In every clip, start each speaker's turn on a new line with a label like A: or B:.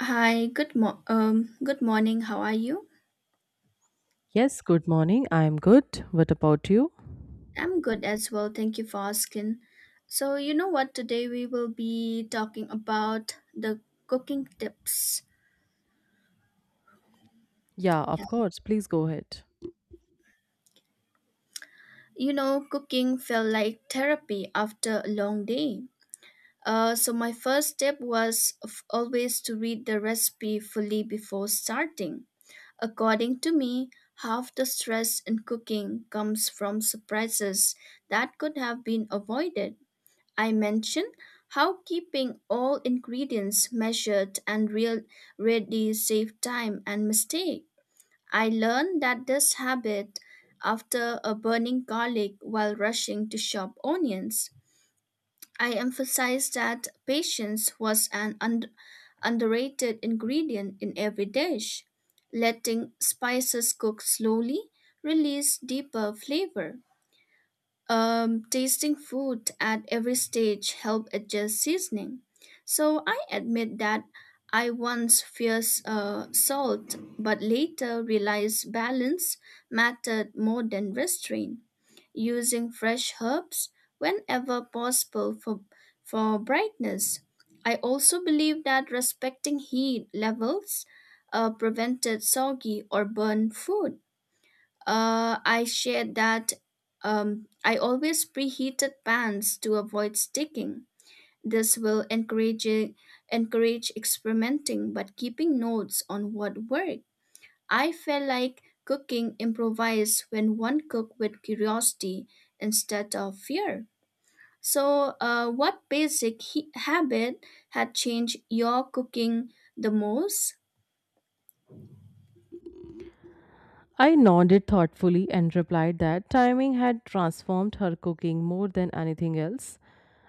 A: Hi, good morning. How are you?
B: Yes, good morning. I'm good. What about you?
A: I'm good as well. Thank you for asking. So, you know what? Today we will be talking about the cooking tips.
B: Yeah,
A: Yeah.
B: of course. Please go ahead.
A: You know, cooking felt like therapy after a long day. So my first step was always to read the recipe fully before starting. According to me, half the stress in cooking comes from surprises that could have been avoided. I mention how keeping all ingredients measured and real ready save time and mistake. I learned that this habit after a burning garlic while rushing to chop onions. I emphasized that patience was an underrated ingredient in every dish, letting spices cook slowly release deeper flavor. Tasting food at every stage help adjust seasoning. So I admit that I once feared salt, but later realized balance mattered more than restraint. Using fresh herbs whenever possible for brightness. I also believe that respecting heat levels prevented soggy or burned food. I shared that I always preheated pans to avoid sticking. This will encourage experimenting, but keeping notes on what worked. I felt like cooking improvised when one cooked with curiosity instead of fear. So, what basic habit had changed your cooking the most?
B: I nodded thoughtfully and replied that timing had transformed her cooking more than anything else.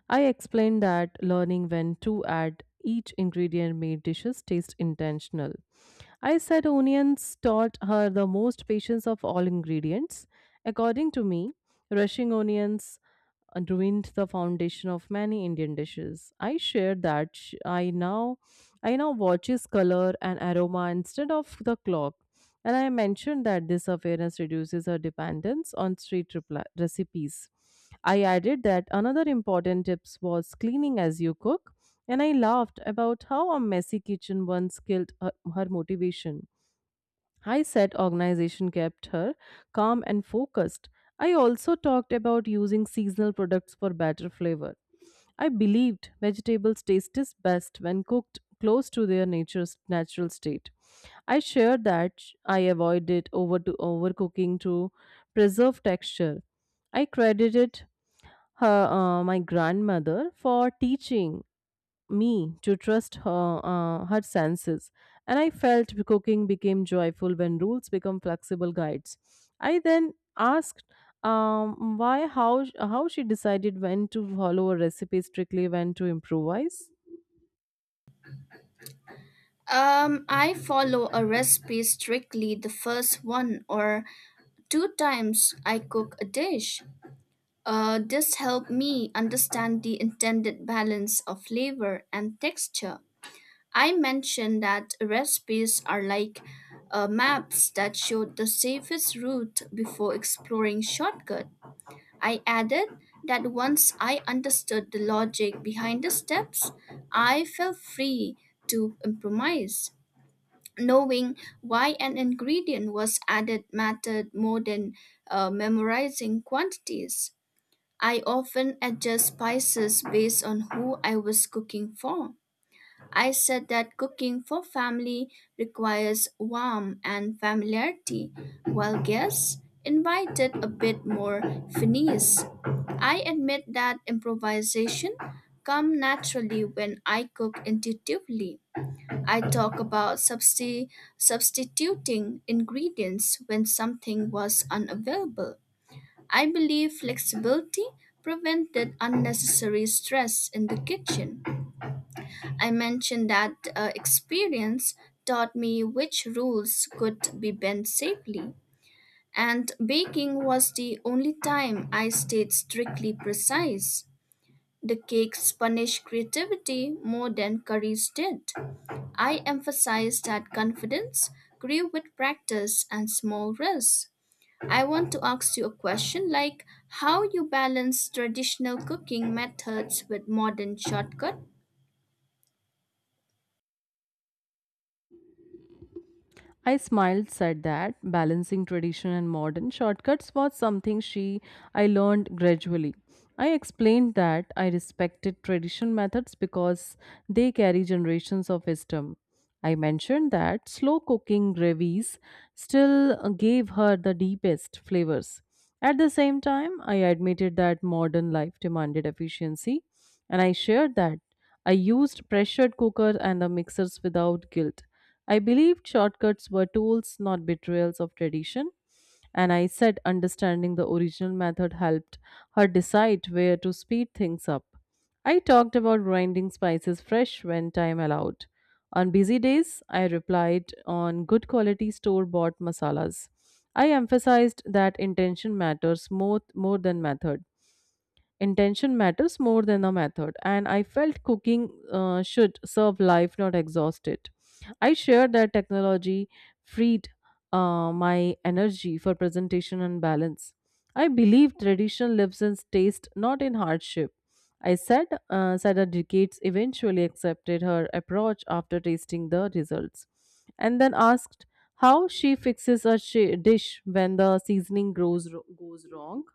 B: I explained that learning when to add each ingredient made dishes taste intentional. I said onions taught her the most patience of all ingredients. According to me, rushing onions and ruined the foundation of many Indian dishes. I share that I now watches color and aroma instead of the clock. And I mentioned that this awareness reduces our dependence on street repli recipes. I added that another important tips was cleaning as you cook, and I laughed about how a messy kitchen once killed her motivation. I said organization kept her calm and focused. I also talked about using seasonal products for better flavor. I believed vegetables taste is best when cooked close to their nature's natural state. I shared that I avoided over to overcooking to preserve texture. I credited her my grandmother for teaching me to trust her senses, and I felt cooking became joyful when rules become flexible guides. I then asked why how she decided when to follow a recipe strictly, when to improvise.
A: I follow a recipe strictly the first one, or two times I cook a dish. This helped me understand the intended balance of flavor and texture. I mentioned that recipes are like maps that show the safest route before exploring shortcut. I added that once I understood the logic behind the steps, I felt free to improvise. Knowing why an ingredient was added mattered more than memorizing quantities. I often adjust spices based on who I was cooking for. I said that cooking for family requires warmth and familiarity, while guests invited a bit more finesse. I admit that improvisation comes naturally when I cook intuitively. I talk about substituting ingredients when something was unavailable. I believe flexibility prevented unnecessary stress in the kitchen. I mentioned that experience taught me which rules could be bent safely. And baking was the only time I stayed strictly precise. The cakes punished creativity more than curries did. I emphasized that confidence grew with practice and small risks. I want to ask you a question, like how you balance traditional cooking methods with modern shortcut.
B: I smiled, said that balancing tradition and modern shortcuts was something she I learned gradually. I explained that I respected tradition methods because they carry generations of wisdom. I mentioned that slow cooking gravies still gave her the deepest flavors. At the same time, I admitted that modern life demanded efficiency, and I shared that I used pressure cooker and the mixers without guilt. I believed shortcuts were tools, not betrayals of tradition, and I said understanding the original method helped her decide where to speed things up. I talked about grinding spices fresh when time allowed on busy days, I replied on good quality store bought masalas. I emphasized that intention matters more than method. Intention matters more than the method, and I felt cooking should serve life, not exhaust it. I shared that technology freed my energy for presentation and balance. I believe tradition lives in taste, not in hardship. I said, Sada Decades eventually accepted her approach after tasting the results, and then asked how she fixes a shi dish when the goes wrong.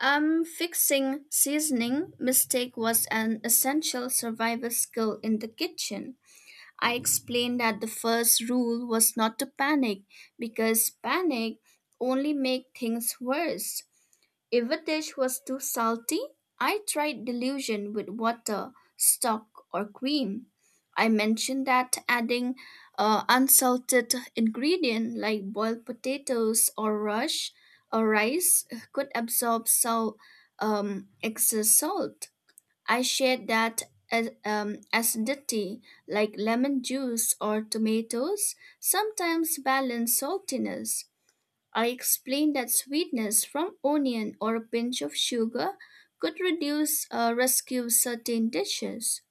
A: Fixing seasoning mistake was an essential survival skill in the kitchen. I explained that the first rule was not to panic because panic only make things worse. If a dish was too salty, I tried dilution with water, stock, or cream. I mentioned that adding unsalted ingredient like boiled potatoes or rush or rice could absorb salt, excess salt. I shared that acidity, like lemon juice or tomatoes, sometimes balance saltiness. I explained that sweetness from onion or a pinch of sugar could reduce or rescue certain dishes.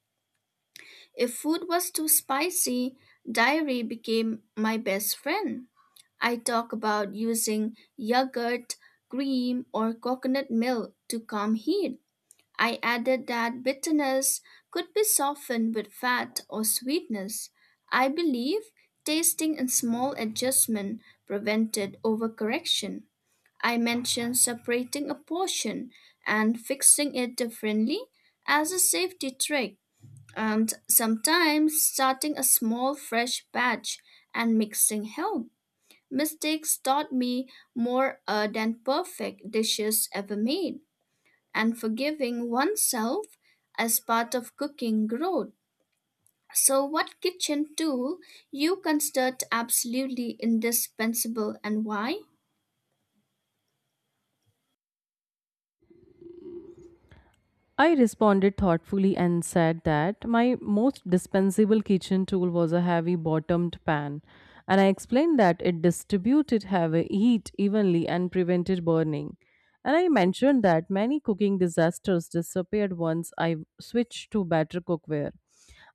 A: If food was too spicy, dairy became my best friend. I talk about using yogurt, cream, or coconut milk to calm heat. I added that bitterness could be softened with fat or sweetness. I believe tasting and small adjustment prevented overcorrection. I mentioned separating a portion and fixing it differently as a safety trick, and sometimes starting a small fresh batch and mixing help. Mistakes taught me more than perfect dishes ever made and forgiving oneself as part of cooking growth. So, what kitchen tool you considered absolutely indispensable and why?
B: I responded thoughtfully and said that my most dispensable kitchen tool was a heavy bottomed pan, and I explained that it distributed heavy heat evenly and prevented burning. And I mentioned that many cooking disasters disappeared once I switched to better cookware.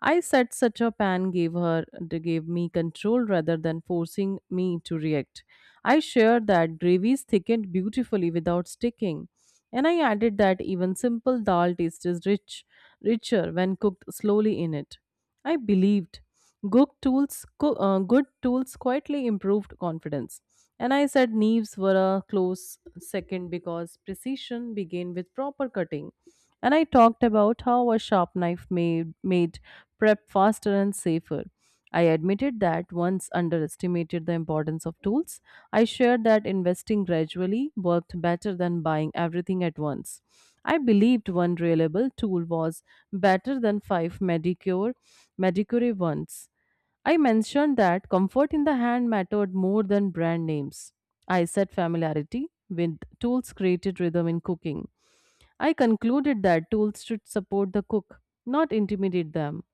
B: I said such a pan gave me control rather than forcing me to react. I shared that gravies thickened beautifully without sticking. And I added that even simple richer when cooked slowly in it. I believed good tools quietly improved confidence. And I said knives were a close second because precision began with proper cutting. And I talked about how a sharp made prep faster and safer. I admitted that once underestimated the importance of tools. I shared that investing gradually worked better than buying everything at once. I believed one reliable tool was better than Medicure ones. I mentioned that comfort in the hand mattered more than brand names. I said familiarity with tools created rhythm in cooking. I concluded that tools should support the cook, not intimidate them.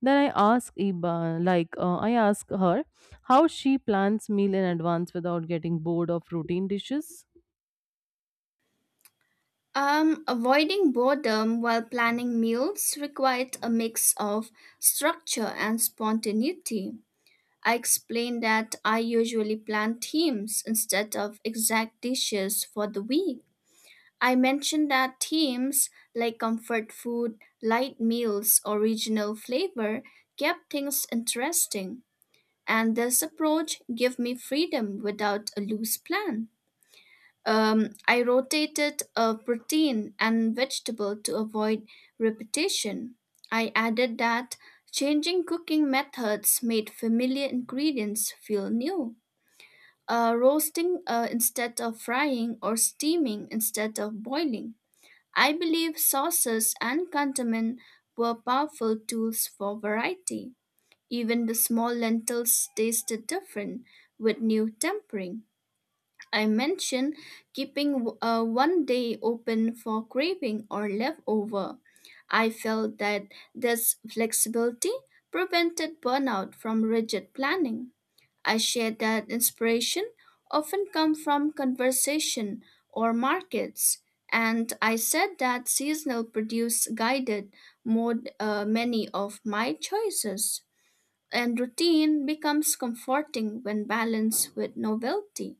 B: Then I asked Iba, I asked her, how she plans meal in advance without getting bored of routine dishes.
A: Avoiding boredom while planning meals required a mix of structure and spontaneity. I explained that I usually plan themes instead of exact dishes for the week. I mentioned that themes like comfort food, light meals, or regional flavor kept things interesting. And this approach gave me freedom without a loose plan. I rotated a protein and vegetable to avoid repetition. I added that changing cooking methods made familiar ingredients feel new. Roasting instead of frying or steaming instead of boiling. I believe sauces and condiment were powerful tools for variety. Even the small lentils tasted different with new tempering. I mentioned keeping one day open for craving or leftover. I felt that this flexibility prevented burnout from rigid planning. I shared that inspiration often come from conversation or markets, and I said that seasonal produce guided more many of my choices. And routine becomes comforting when balanced with novelty.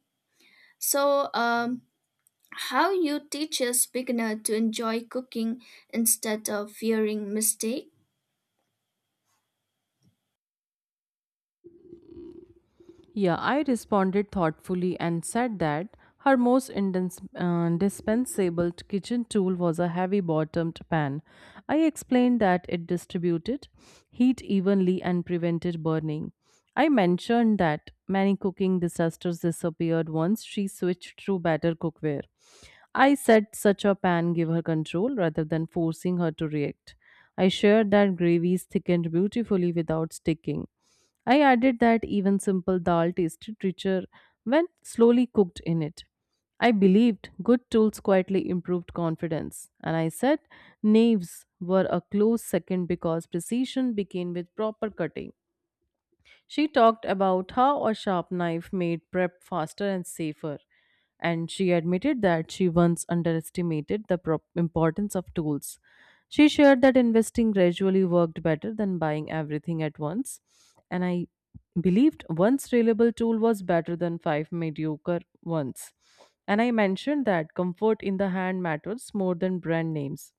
A: So, how you teaches beginner to enjoy cooking instead of fearing mistake?
B: Yeah, I responded thoughtfully and said that her most indispensable kitchen tool was a heavy bottomed pan. I explained that it distributed heat evenly and prevented burning. I mentioned that many cooking disasters disappeared once she switched to better cookware. I said such a pan gave her control rather than forcing her to react. I shared that gravies thickened beautifully without sticking. I added that even simple dal tasted richer when slowly cooked in it. I believed good tools quietly improved confidence, and I said knaves were a close second because precision began with proper cutting. She talked about how a sharp knife made prep faster and safer, and she admitted that she once underestimated the importance of tools. She shared that investing gradually worked better than buying everything at once, and I believed one reliable tool was better than five mediocre ones. And I mentioned that comfort in the hand matters more than brand names.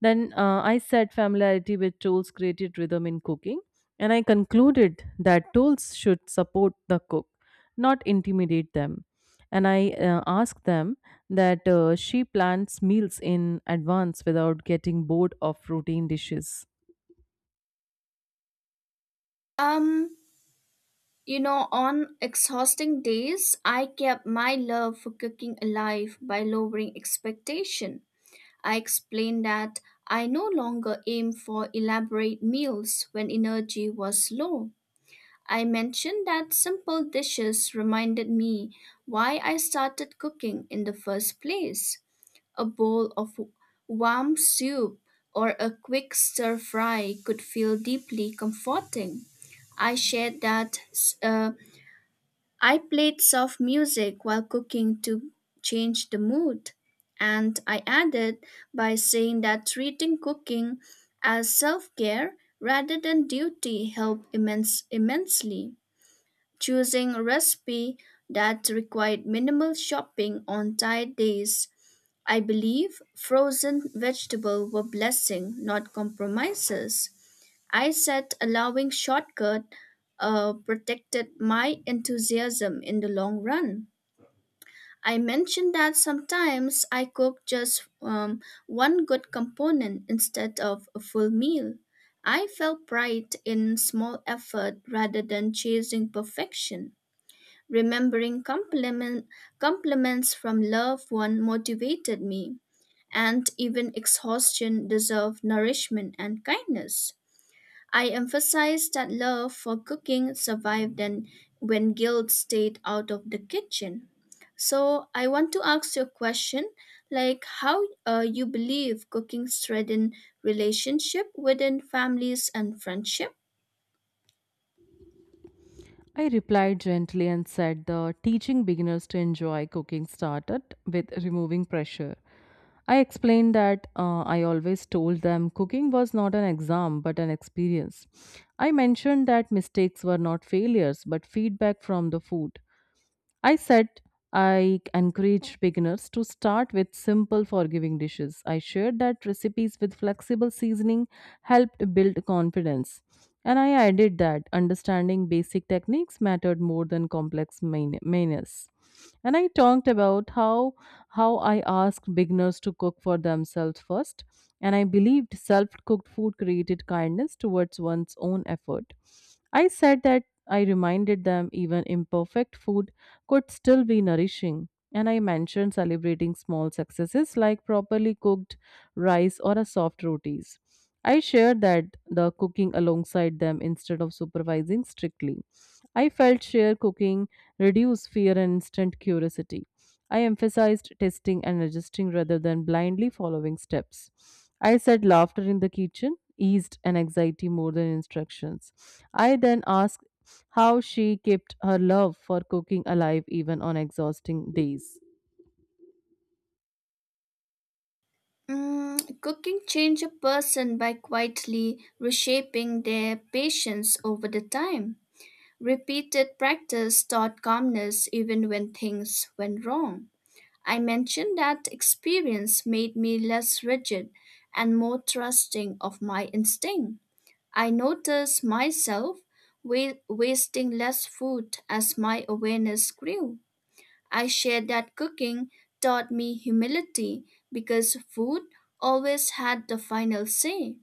B: Then I said familiarity with tools created rhythm in cooking, and I concluded that tools should support the cook, not intimidate them. And I asked them that she plans meals in advance without getting bored of routine dishes.
A: Um, You know, on exhausting days, I kept my love for cooking alive by lowering expectation. I explained that I no longer aim for elaborate meals when energy was low. I mentioned that simple dishes reminded me why I started cooking in the first place. A bowl of warm soup or a quick stir fry could feel deeply comforting. I shared that uh, I played soft music while cooking to change the mood, and I added by saying that treating cooking as self-care rather than duty helped immensely. Choosing a recipe that required minimal shopping on tight days, I believe frozen vegetables were blessing, not compromises. I said allowing shortcut protected my enthusiasm in the long run. I mentioned that sometimes I cook just one good component instead of a full meal. I felt pride in small effort rather than chasing perfection. Remembering compliments from loved one motivated me, and even exhaustion deserved nourishment and kindness. I emphasized that love for cooking survived and when guilt stayed out of the kitchen. So I want to ask you a question, like how you believe cooking strengthen relationship within families and friendship.
B: I replied gently and said the teaching beginners to enjoy cooking started with removing pressure. I explained that I always told them cooking was not an exam but an experience. I mentioned that mistakes were not failures but feedback from the food. I said I encouraged beginners to start with simple forgiving dishes. I shared that recipes with flexible seasoning helped build confidence. And I added that understanding basic techniques mattered more than complex menus. And I talked about how I asked beginners to cook for themselves first, and I believed self-cooked food created kindness towards one's own effort. I said that I reminded them even imperfect food could still be nourishing. And I mentioned celebrating small successes like properly cooked rice or a soft rotis. I shared that the cooking alongside them instead of supervising strictly. I felt share cooking reduce fear and instant curiosity. I emphasized testing and adjusting rather than blindly following steps. I said laughter in the kitchen eased an anxiety more than instructions. I then asked how she kept her love for cooking alive even on exhausting days.
A: Mm, cooking change a person by quietly reshaping their patience over the time. Repeated practice taught calmness even when things went wrong. I mentioned that experience made me less rigid and more trusting of my instinct. I noticed myself wasting less food as my awareness grew. I shared that cooking taught me humility because food always had the final say.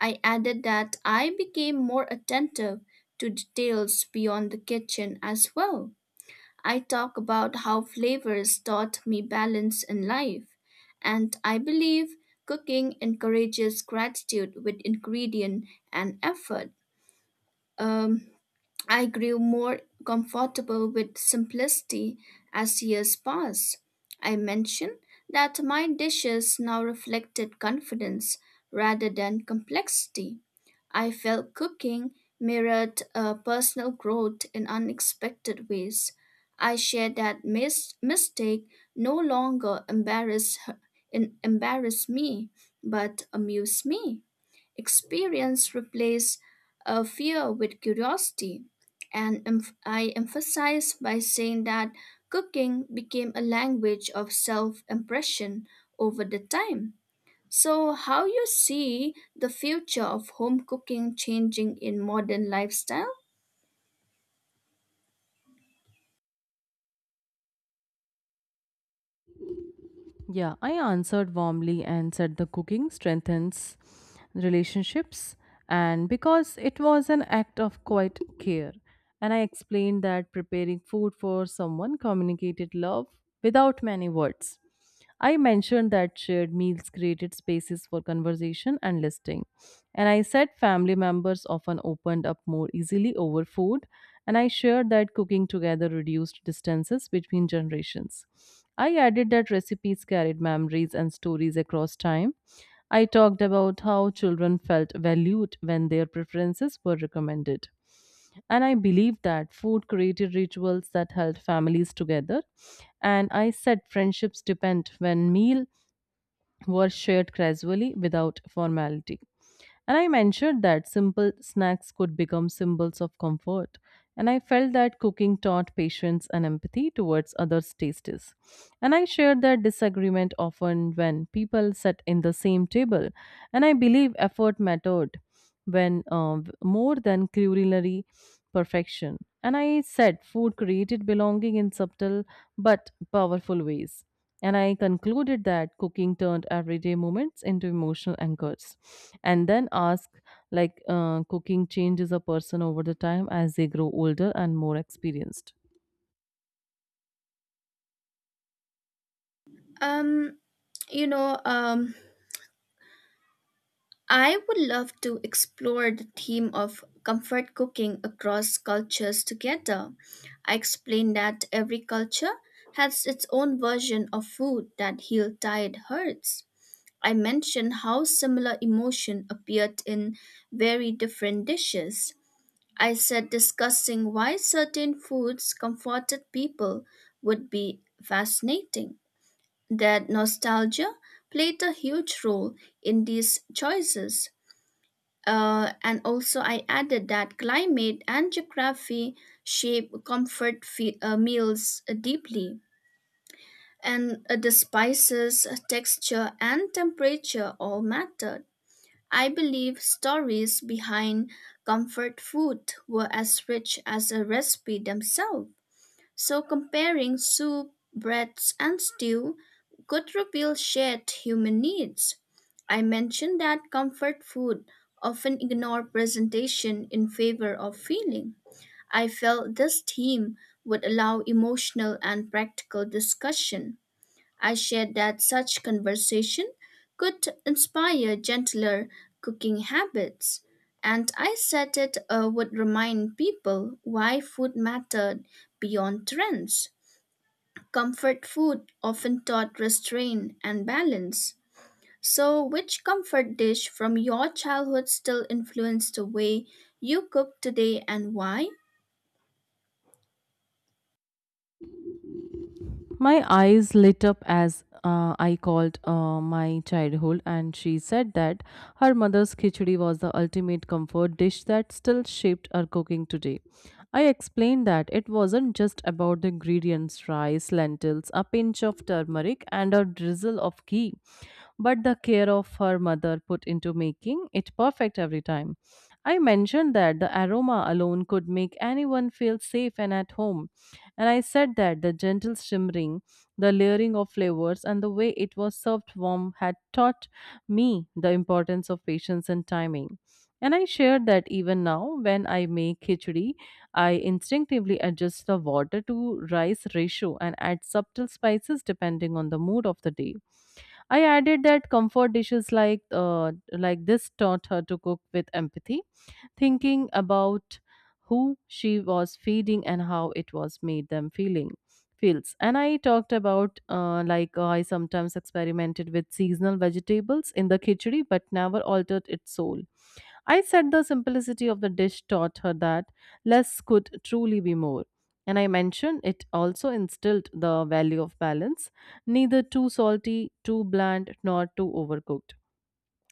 A: I added that I became more attentive to details beyond the kitchen as well. I talk about how flavors taught me balance in life, and I believe cooking encourages gratitude with ingredient and effort. Um, I grew more comfortable with simplicity as years passed. I mentioned that my dishes now reflected confidence rather than complexity. I felt cooking mirrored personal growth in unexpected ways. I shared that mistake no longer embarrassed me, but amused me. Experience replaced fear with curiosity, and I emphasize by saying that cooking became a language of self impression over the time. So, how you see the future of home cooking changing in modern lifestyle?
B: Yeah, I answered warmly and said the cooking strengthens relationships and because it was an act of quiet care. And I explained that preparing food for someone communicated love without many words. I mentioned that shared meals created spaces for conversation and listening. And I said family members often opened up more easily over food, and I shared that cooking together reduced distances between generations. I added that recipes carried memories and stories across time. I talked about how children felt valued when their preferences were recommended. And I believe that food created rituals that held families together. And I said friendships depend when meal were shared casually without formality. And I mentioned that simple snacks could become symbols of comfort. And I felt that cooking taught patience and empathy towards others' tastes. And I shared that disagreement often when people sat in the same table. And I believe effort mattered when more than culinary perfection. And I said food created belonging in subtle but powerful ways. And I concluded that cooking turned everyday moments into emotional anchors. And then ask, cooking changes a person over the time as they grow older and more experienced.
A: Um, you know, um, I would love to explore the theme of comfort cooking across cultures together. I explained that every culture has its own version of food that heals tired hearts. I mentioned how similar emotion appeared in very different dishes. I said discussing why certain foods comforted people would be fascinating. That nostalgia played a huge role in these choices. And also, I added that climate and geography shape comfort meals deeply, and the spices, texture, and temperature all mattered. I believe stories behind comfort food were as rich as a recipe themselves. So comparing soup, breads, and stew could reveal shared human needs. I mentioned that comfort food often ignore presentation in favor of feeling. I felt this theme would allow emotional and practical discussion. I shared that such conversation could inspire gentler cooking habits, and I said it would remind people why food mattered beyond trends. Comfort food often taught restraint and balance. So, which comfort dish from your childhood still influenced the way you cook today and why?
B: My eyes lit up as I called my childhood, and she said that her mother's khichdi was the ultimate comfort dish that still shaped her cooking today. I explained that it wasn't just about the ingredients rice, lentils, a pinch of turmeric, and a drizzle of ghee. But the care of her mother put into making it perfect every time. I mentioned that the aroma alone could make anyone feel safe and at home, and I said that the gentle shimmering, the layering of flavors, and the way it was served warm had taught me the importance of patience and timing. And I shared that even now, when I make khichdi, I instinctively adjust the water to rice ratio and add subtle spices depending on the mood of the day. I added that comfort dishes like this taught her to cook with empathy, thinking about who she was feeding and how it was made them feeling feels. And I talked about I sometimes experimented with seasonal vegetables in the khichdi, but never altered its soul. I said the simplicity of the dish taught her that less could truly be more. And I mentioned it also instilled the value of balance, neither too salty, too bland, nor too overcooked.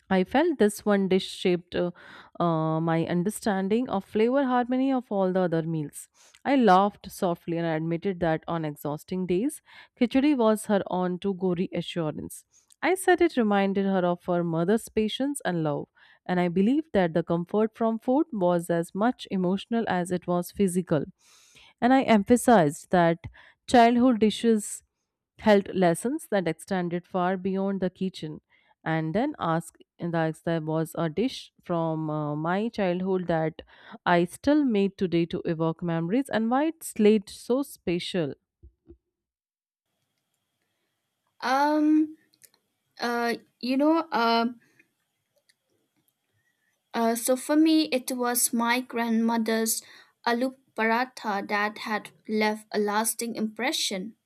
B: I felt this one dish shaped my understanding of flavor harmony of all the other meals. I laughed softly and I admitted that on exhausting days, khichdi was her on to go reassurance. I said it reminded her of her mother's patience and love, and I believed that the comfort from food was as much emotional as it was physical. And I emphasized that childhood dishes held lessons that extended far beyond the kitchen and then ask that there was a dish from my childhood that I still made today to evoke memories and why it's late so special.
A: Um, uh, you know, uh, so for me, it was my grandmother's aloo paratha that had left a lasting impression.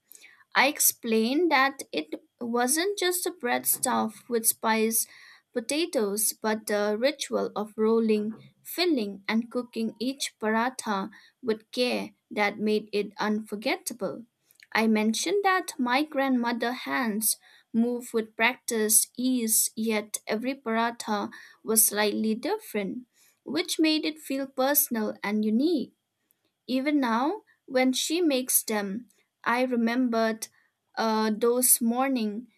A: I explained that it wasn't just a bread stuffed with spiced potatoes, but the ritual of rolling, filling, and cooking each paratha with care that made it unforgettable. I mentioned that my grandmother's hands moved with practice, ease, yet every paratha was slightly different, which made it feel personal and unique. Even now, when she makes them, I remembered those morning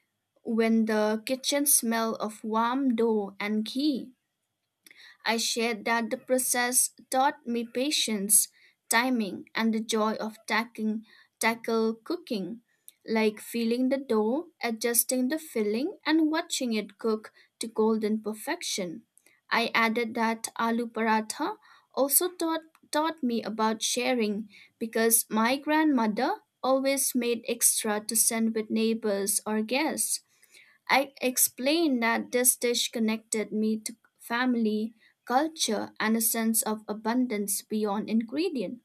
A: when the kitchen smelled of warm dough and ghee. I shared that the process taught me patience, timing, and the joy of tackle cooking, like feeling the dough, adjusting the filling, and watching it cook to golden perfection. I added that aloo paratha also taught me about sharing because my grandmother always made extra to send with neighbors or guests. I explained that this dish connected me to family, culture, and a sense of abundance beyond ingredient.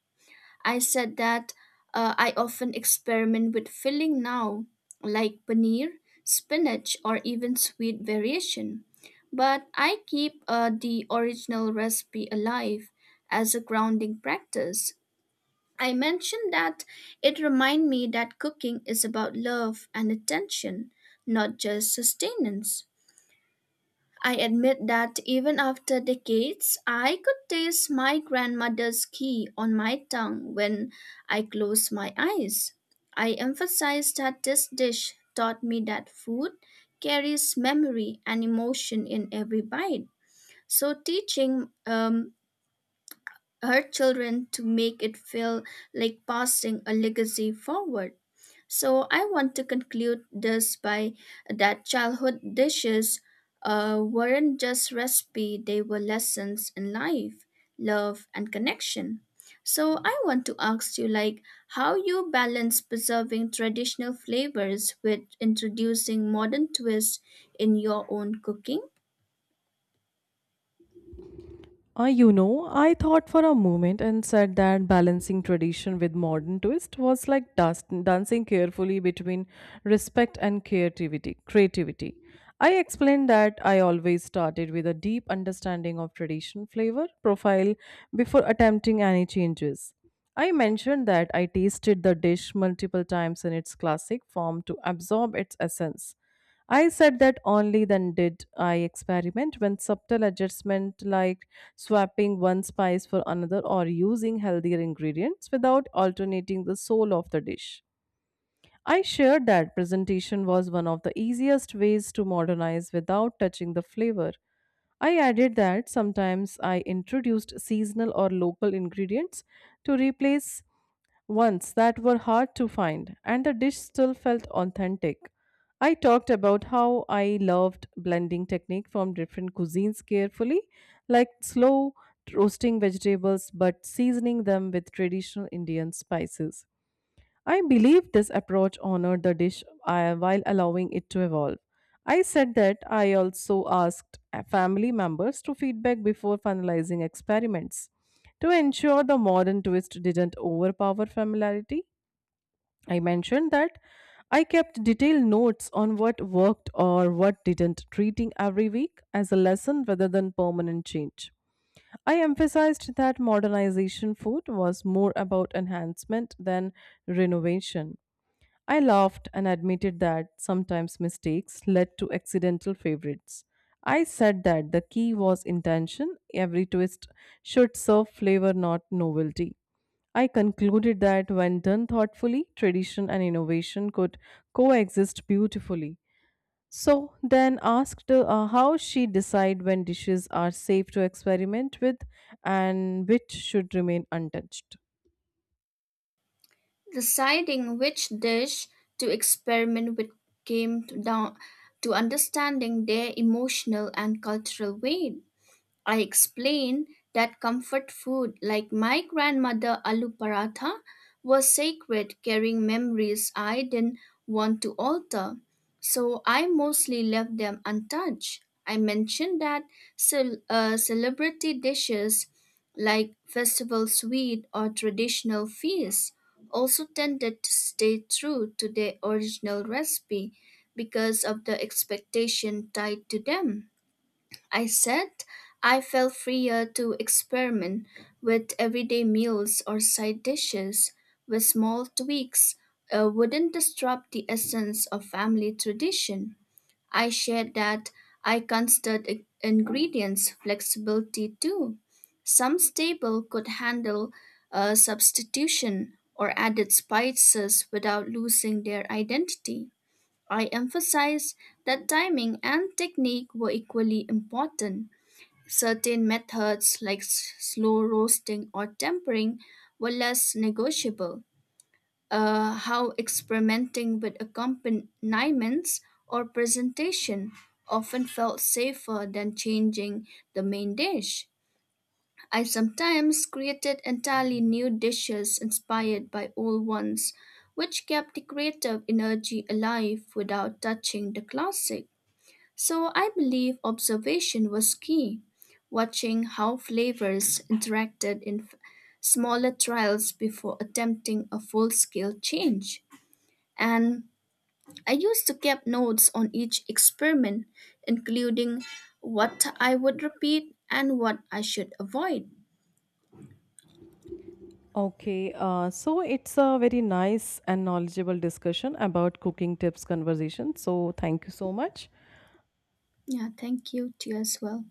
A: I said that I often experiment with filling now, like paneer, spinach, or even sweet variation. But I keep the original recipe alive as a grounding practice. I mentioned that it reminded me that cooking is about love and attention, not just sustenance. I admit that even after decades, I could taste my grandmother's ghee on my tongue when I closed my eyes. I emphasize that this dish taught me that food carries memory and emotion in every bite. So, teaching her children to make it feel like passing a legacy forward. So I want to conclude this by that childhood dishes weren't just recipe, they were lessons in life, love and connection. So I want to ask you, like how you balance preserving traditional flavors with introducing modern twists in your own cooking?
B: I thought for a moment and said that balancing tradition with modern twist was like dancing carefully between respect and Creativity. I explained that I always started with a deep understanding of tradition flavor profile before attempting any changes. I mentioned that I tasted the dish multiple times in its classic form to absorb its essence. I said that only then did I experiment when subtle adjustment like swapping one spice for another or using healthier ingredients without alternating the soul of the dish. I shared that presentation was one of the easiest ways to modernize without touching the flavor. I added that sometimes I introduced seasonal or local ingredients to replace once that were hard to find, and the dish still felt authentic. I talked about how I loved blending technique from different cuisines carefully, like slow roasting vegetables but seasoning them with traditional Indian spices. I believe this approach honored the dish while allowing it to evolve. I said that I also asked family members to feedback before finalizing experiments to ensure the modern twist didn't overpower familiarity. I mentioned that I kept detailed notes on what worked or what didn't, treating every week as a lesson rather than permanent change. I emphasized that modernization food was more about enhancement than renovation. I laughed and admitted that sometimes mistakes led to accidental favorites. I said that the key was intention, every twist should serve flavor, not novelty. I concluded that when done thoughtfully, tradition and innovation could coexist beautifully. So then asked how she decide when dishes are safe to experiment with and which should remain untouched.
A: Deciding which dish to experiment with came down to understanding their emotional and cultural weight. I explained that comfort food like my grandmother aloo paratha was sacred, carrying memories I didn't want to alter. So I mostly left them untouched. I mentioned that celebrity dishes like festival sweet or traditional feasts also tended to stay true to their original recipe because of the expectation tied to them. I said I felt freer to experiment with everyday meals or side dishes with small tweaks wouldn't disrupt the essence of family tradition. I shared that I considered ingredients flexibility too. Some staple could handle a substitution or added spices without losing their identity. I emphasized that timing and technique were equally important. Certain methods like slow roasting or tempering were less negotiable. How experimenting with accompaniments or presentation often felt safer than changing the main dish. I sometimes created entirely new dishes inspired by old ones, which kept the creative energy alive without touching the classic. So I believe observation was key, watching how flavors interacted in smaller trials before attempting a full scale change. And I used to keep notes on each experiment, including what I would repeat and what I should avoid.
B: Okay, so it's a very nice and knowledgeable discussion about cooking tips conversation. So, thank you so much.
A: Yeah, thank you to you as well.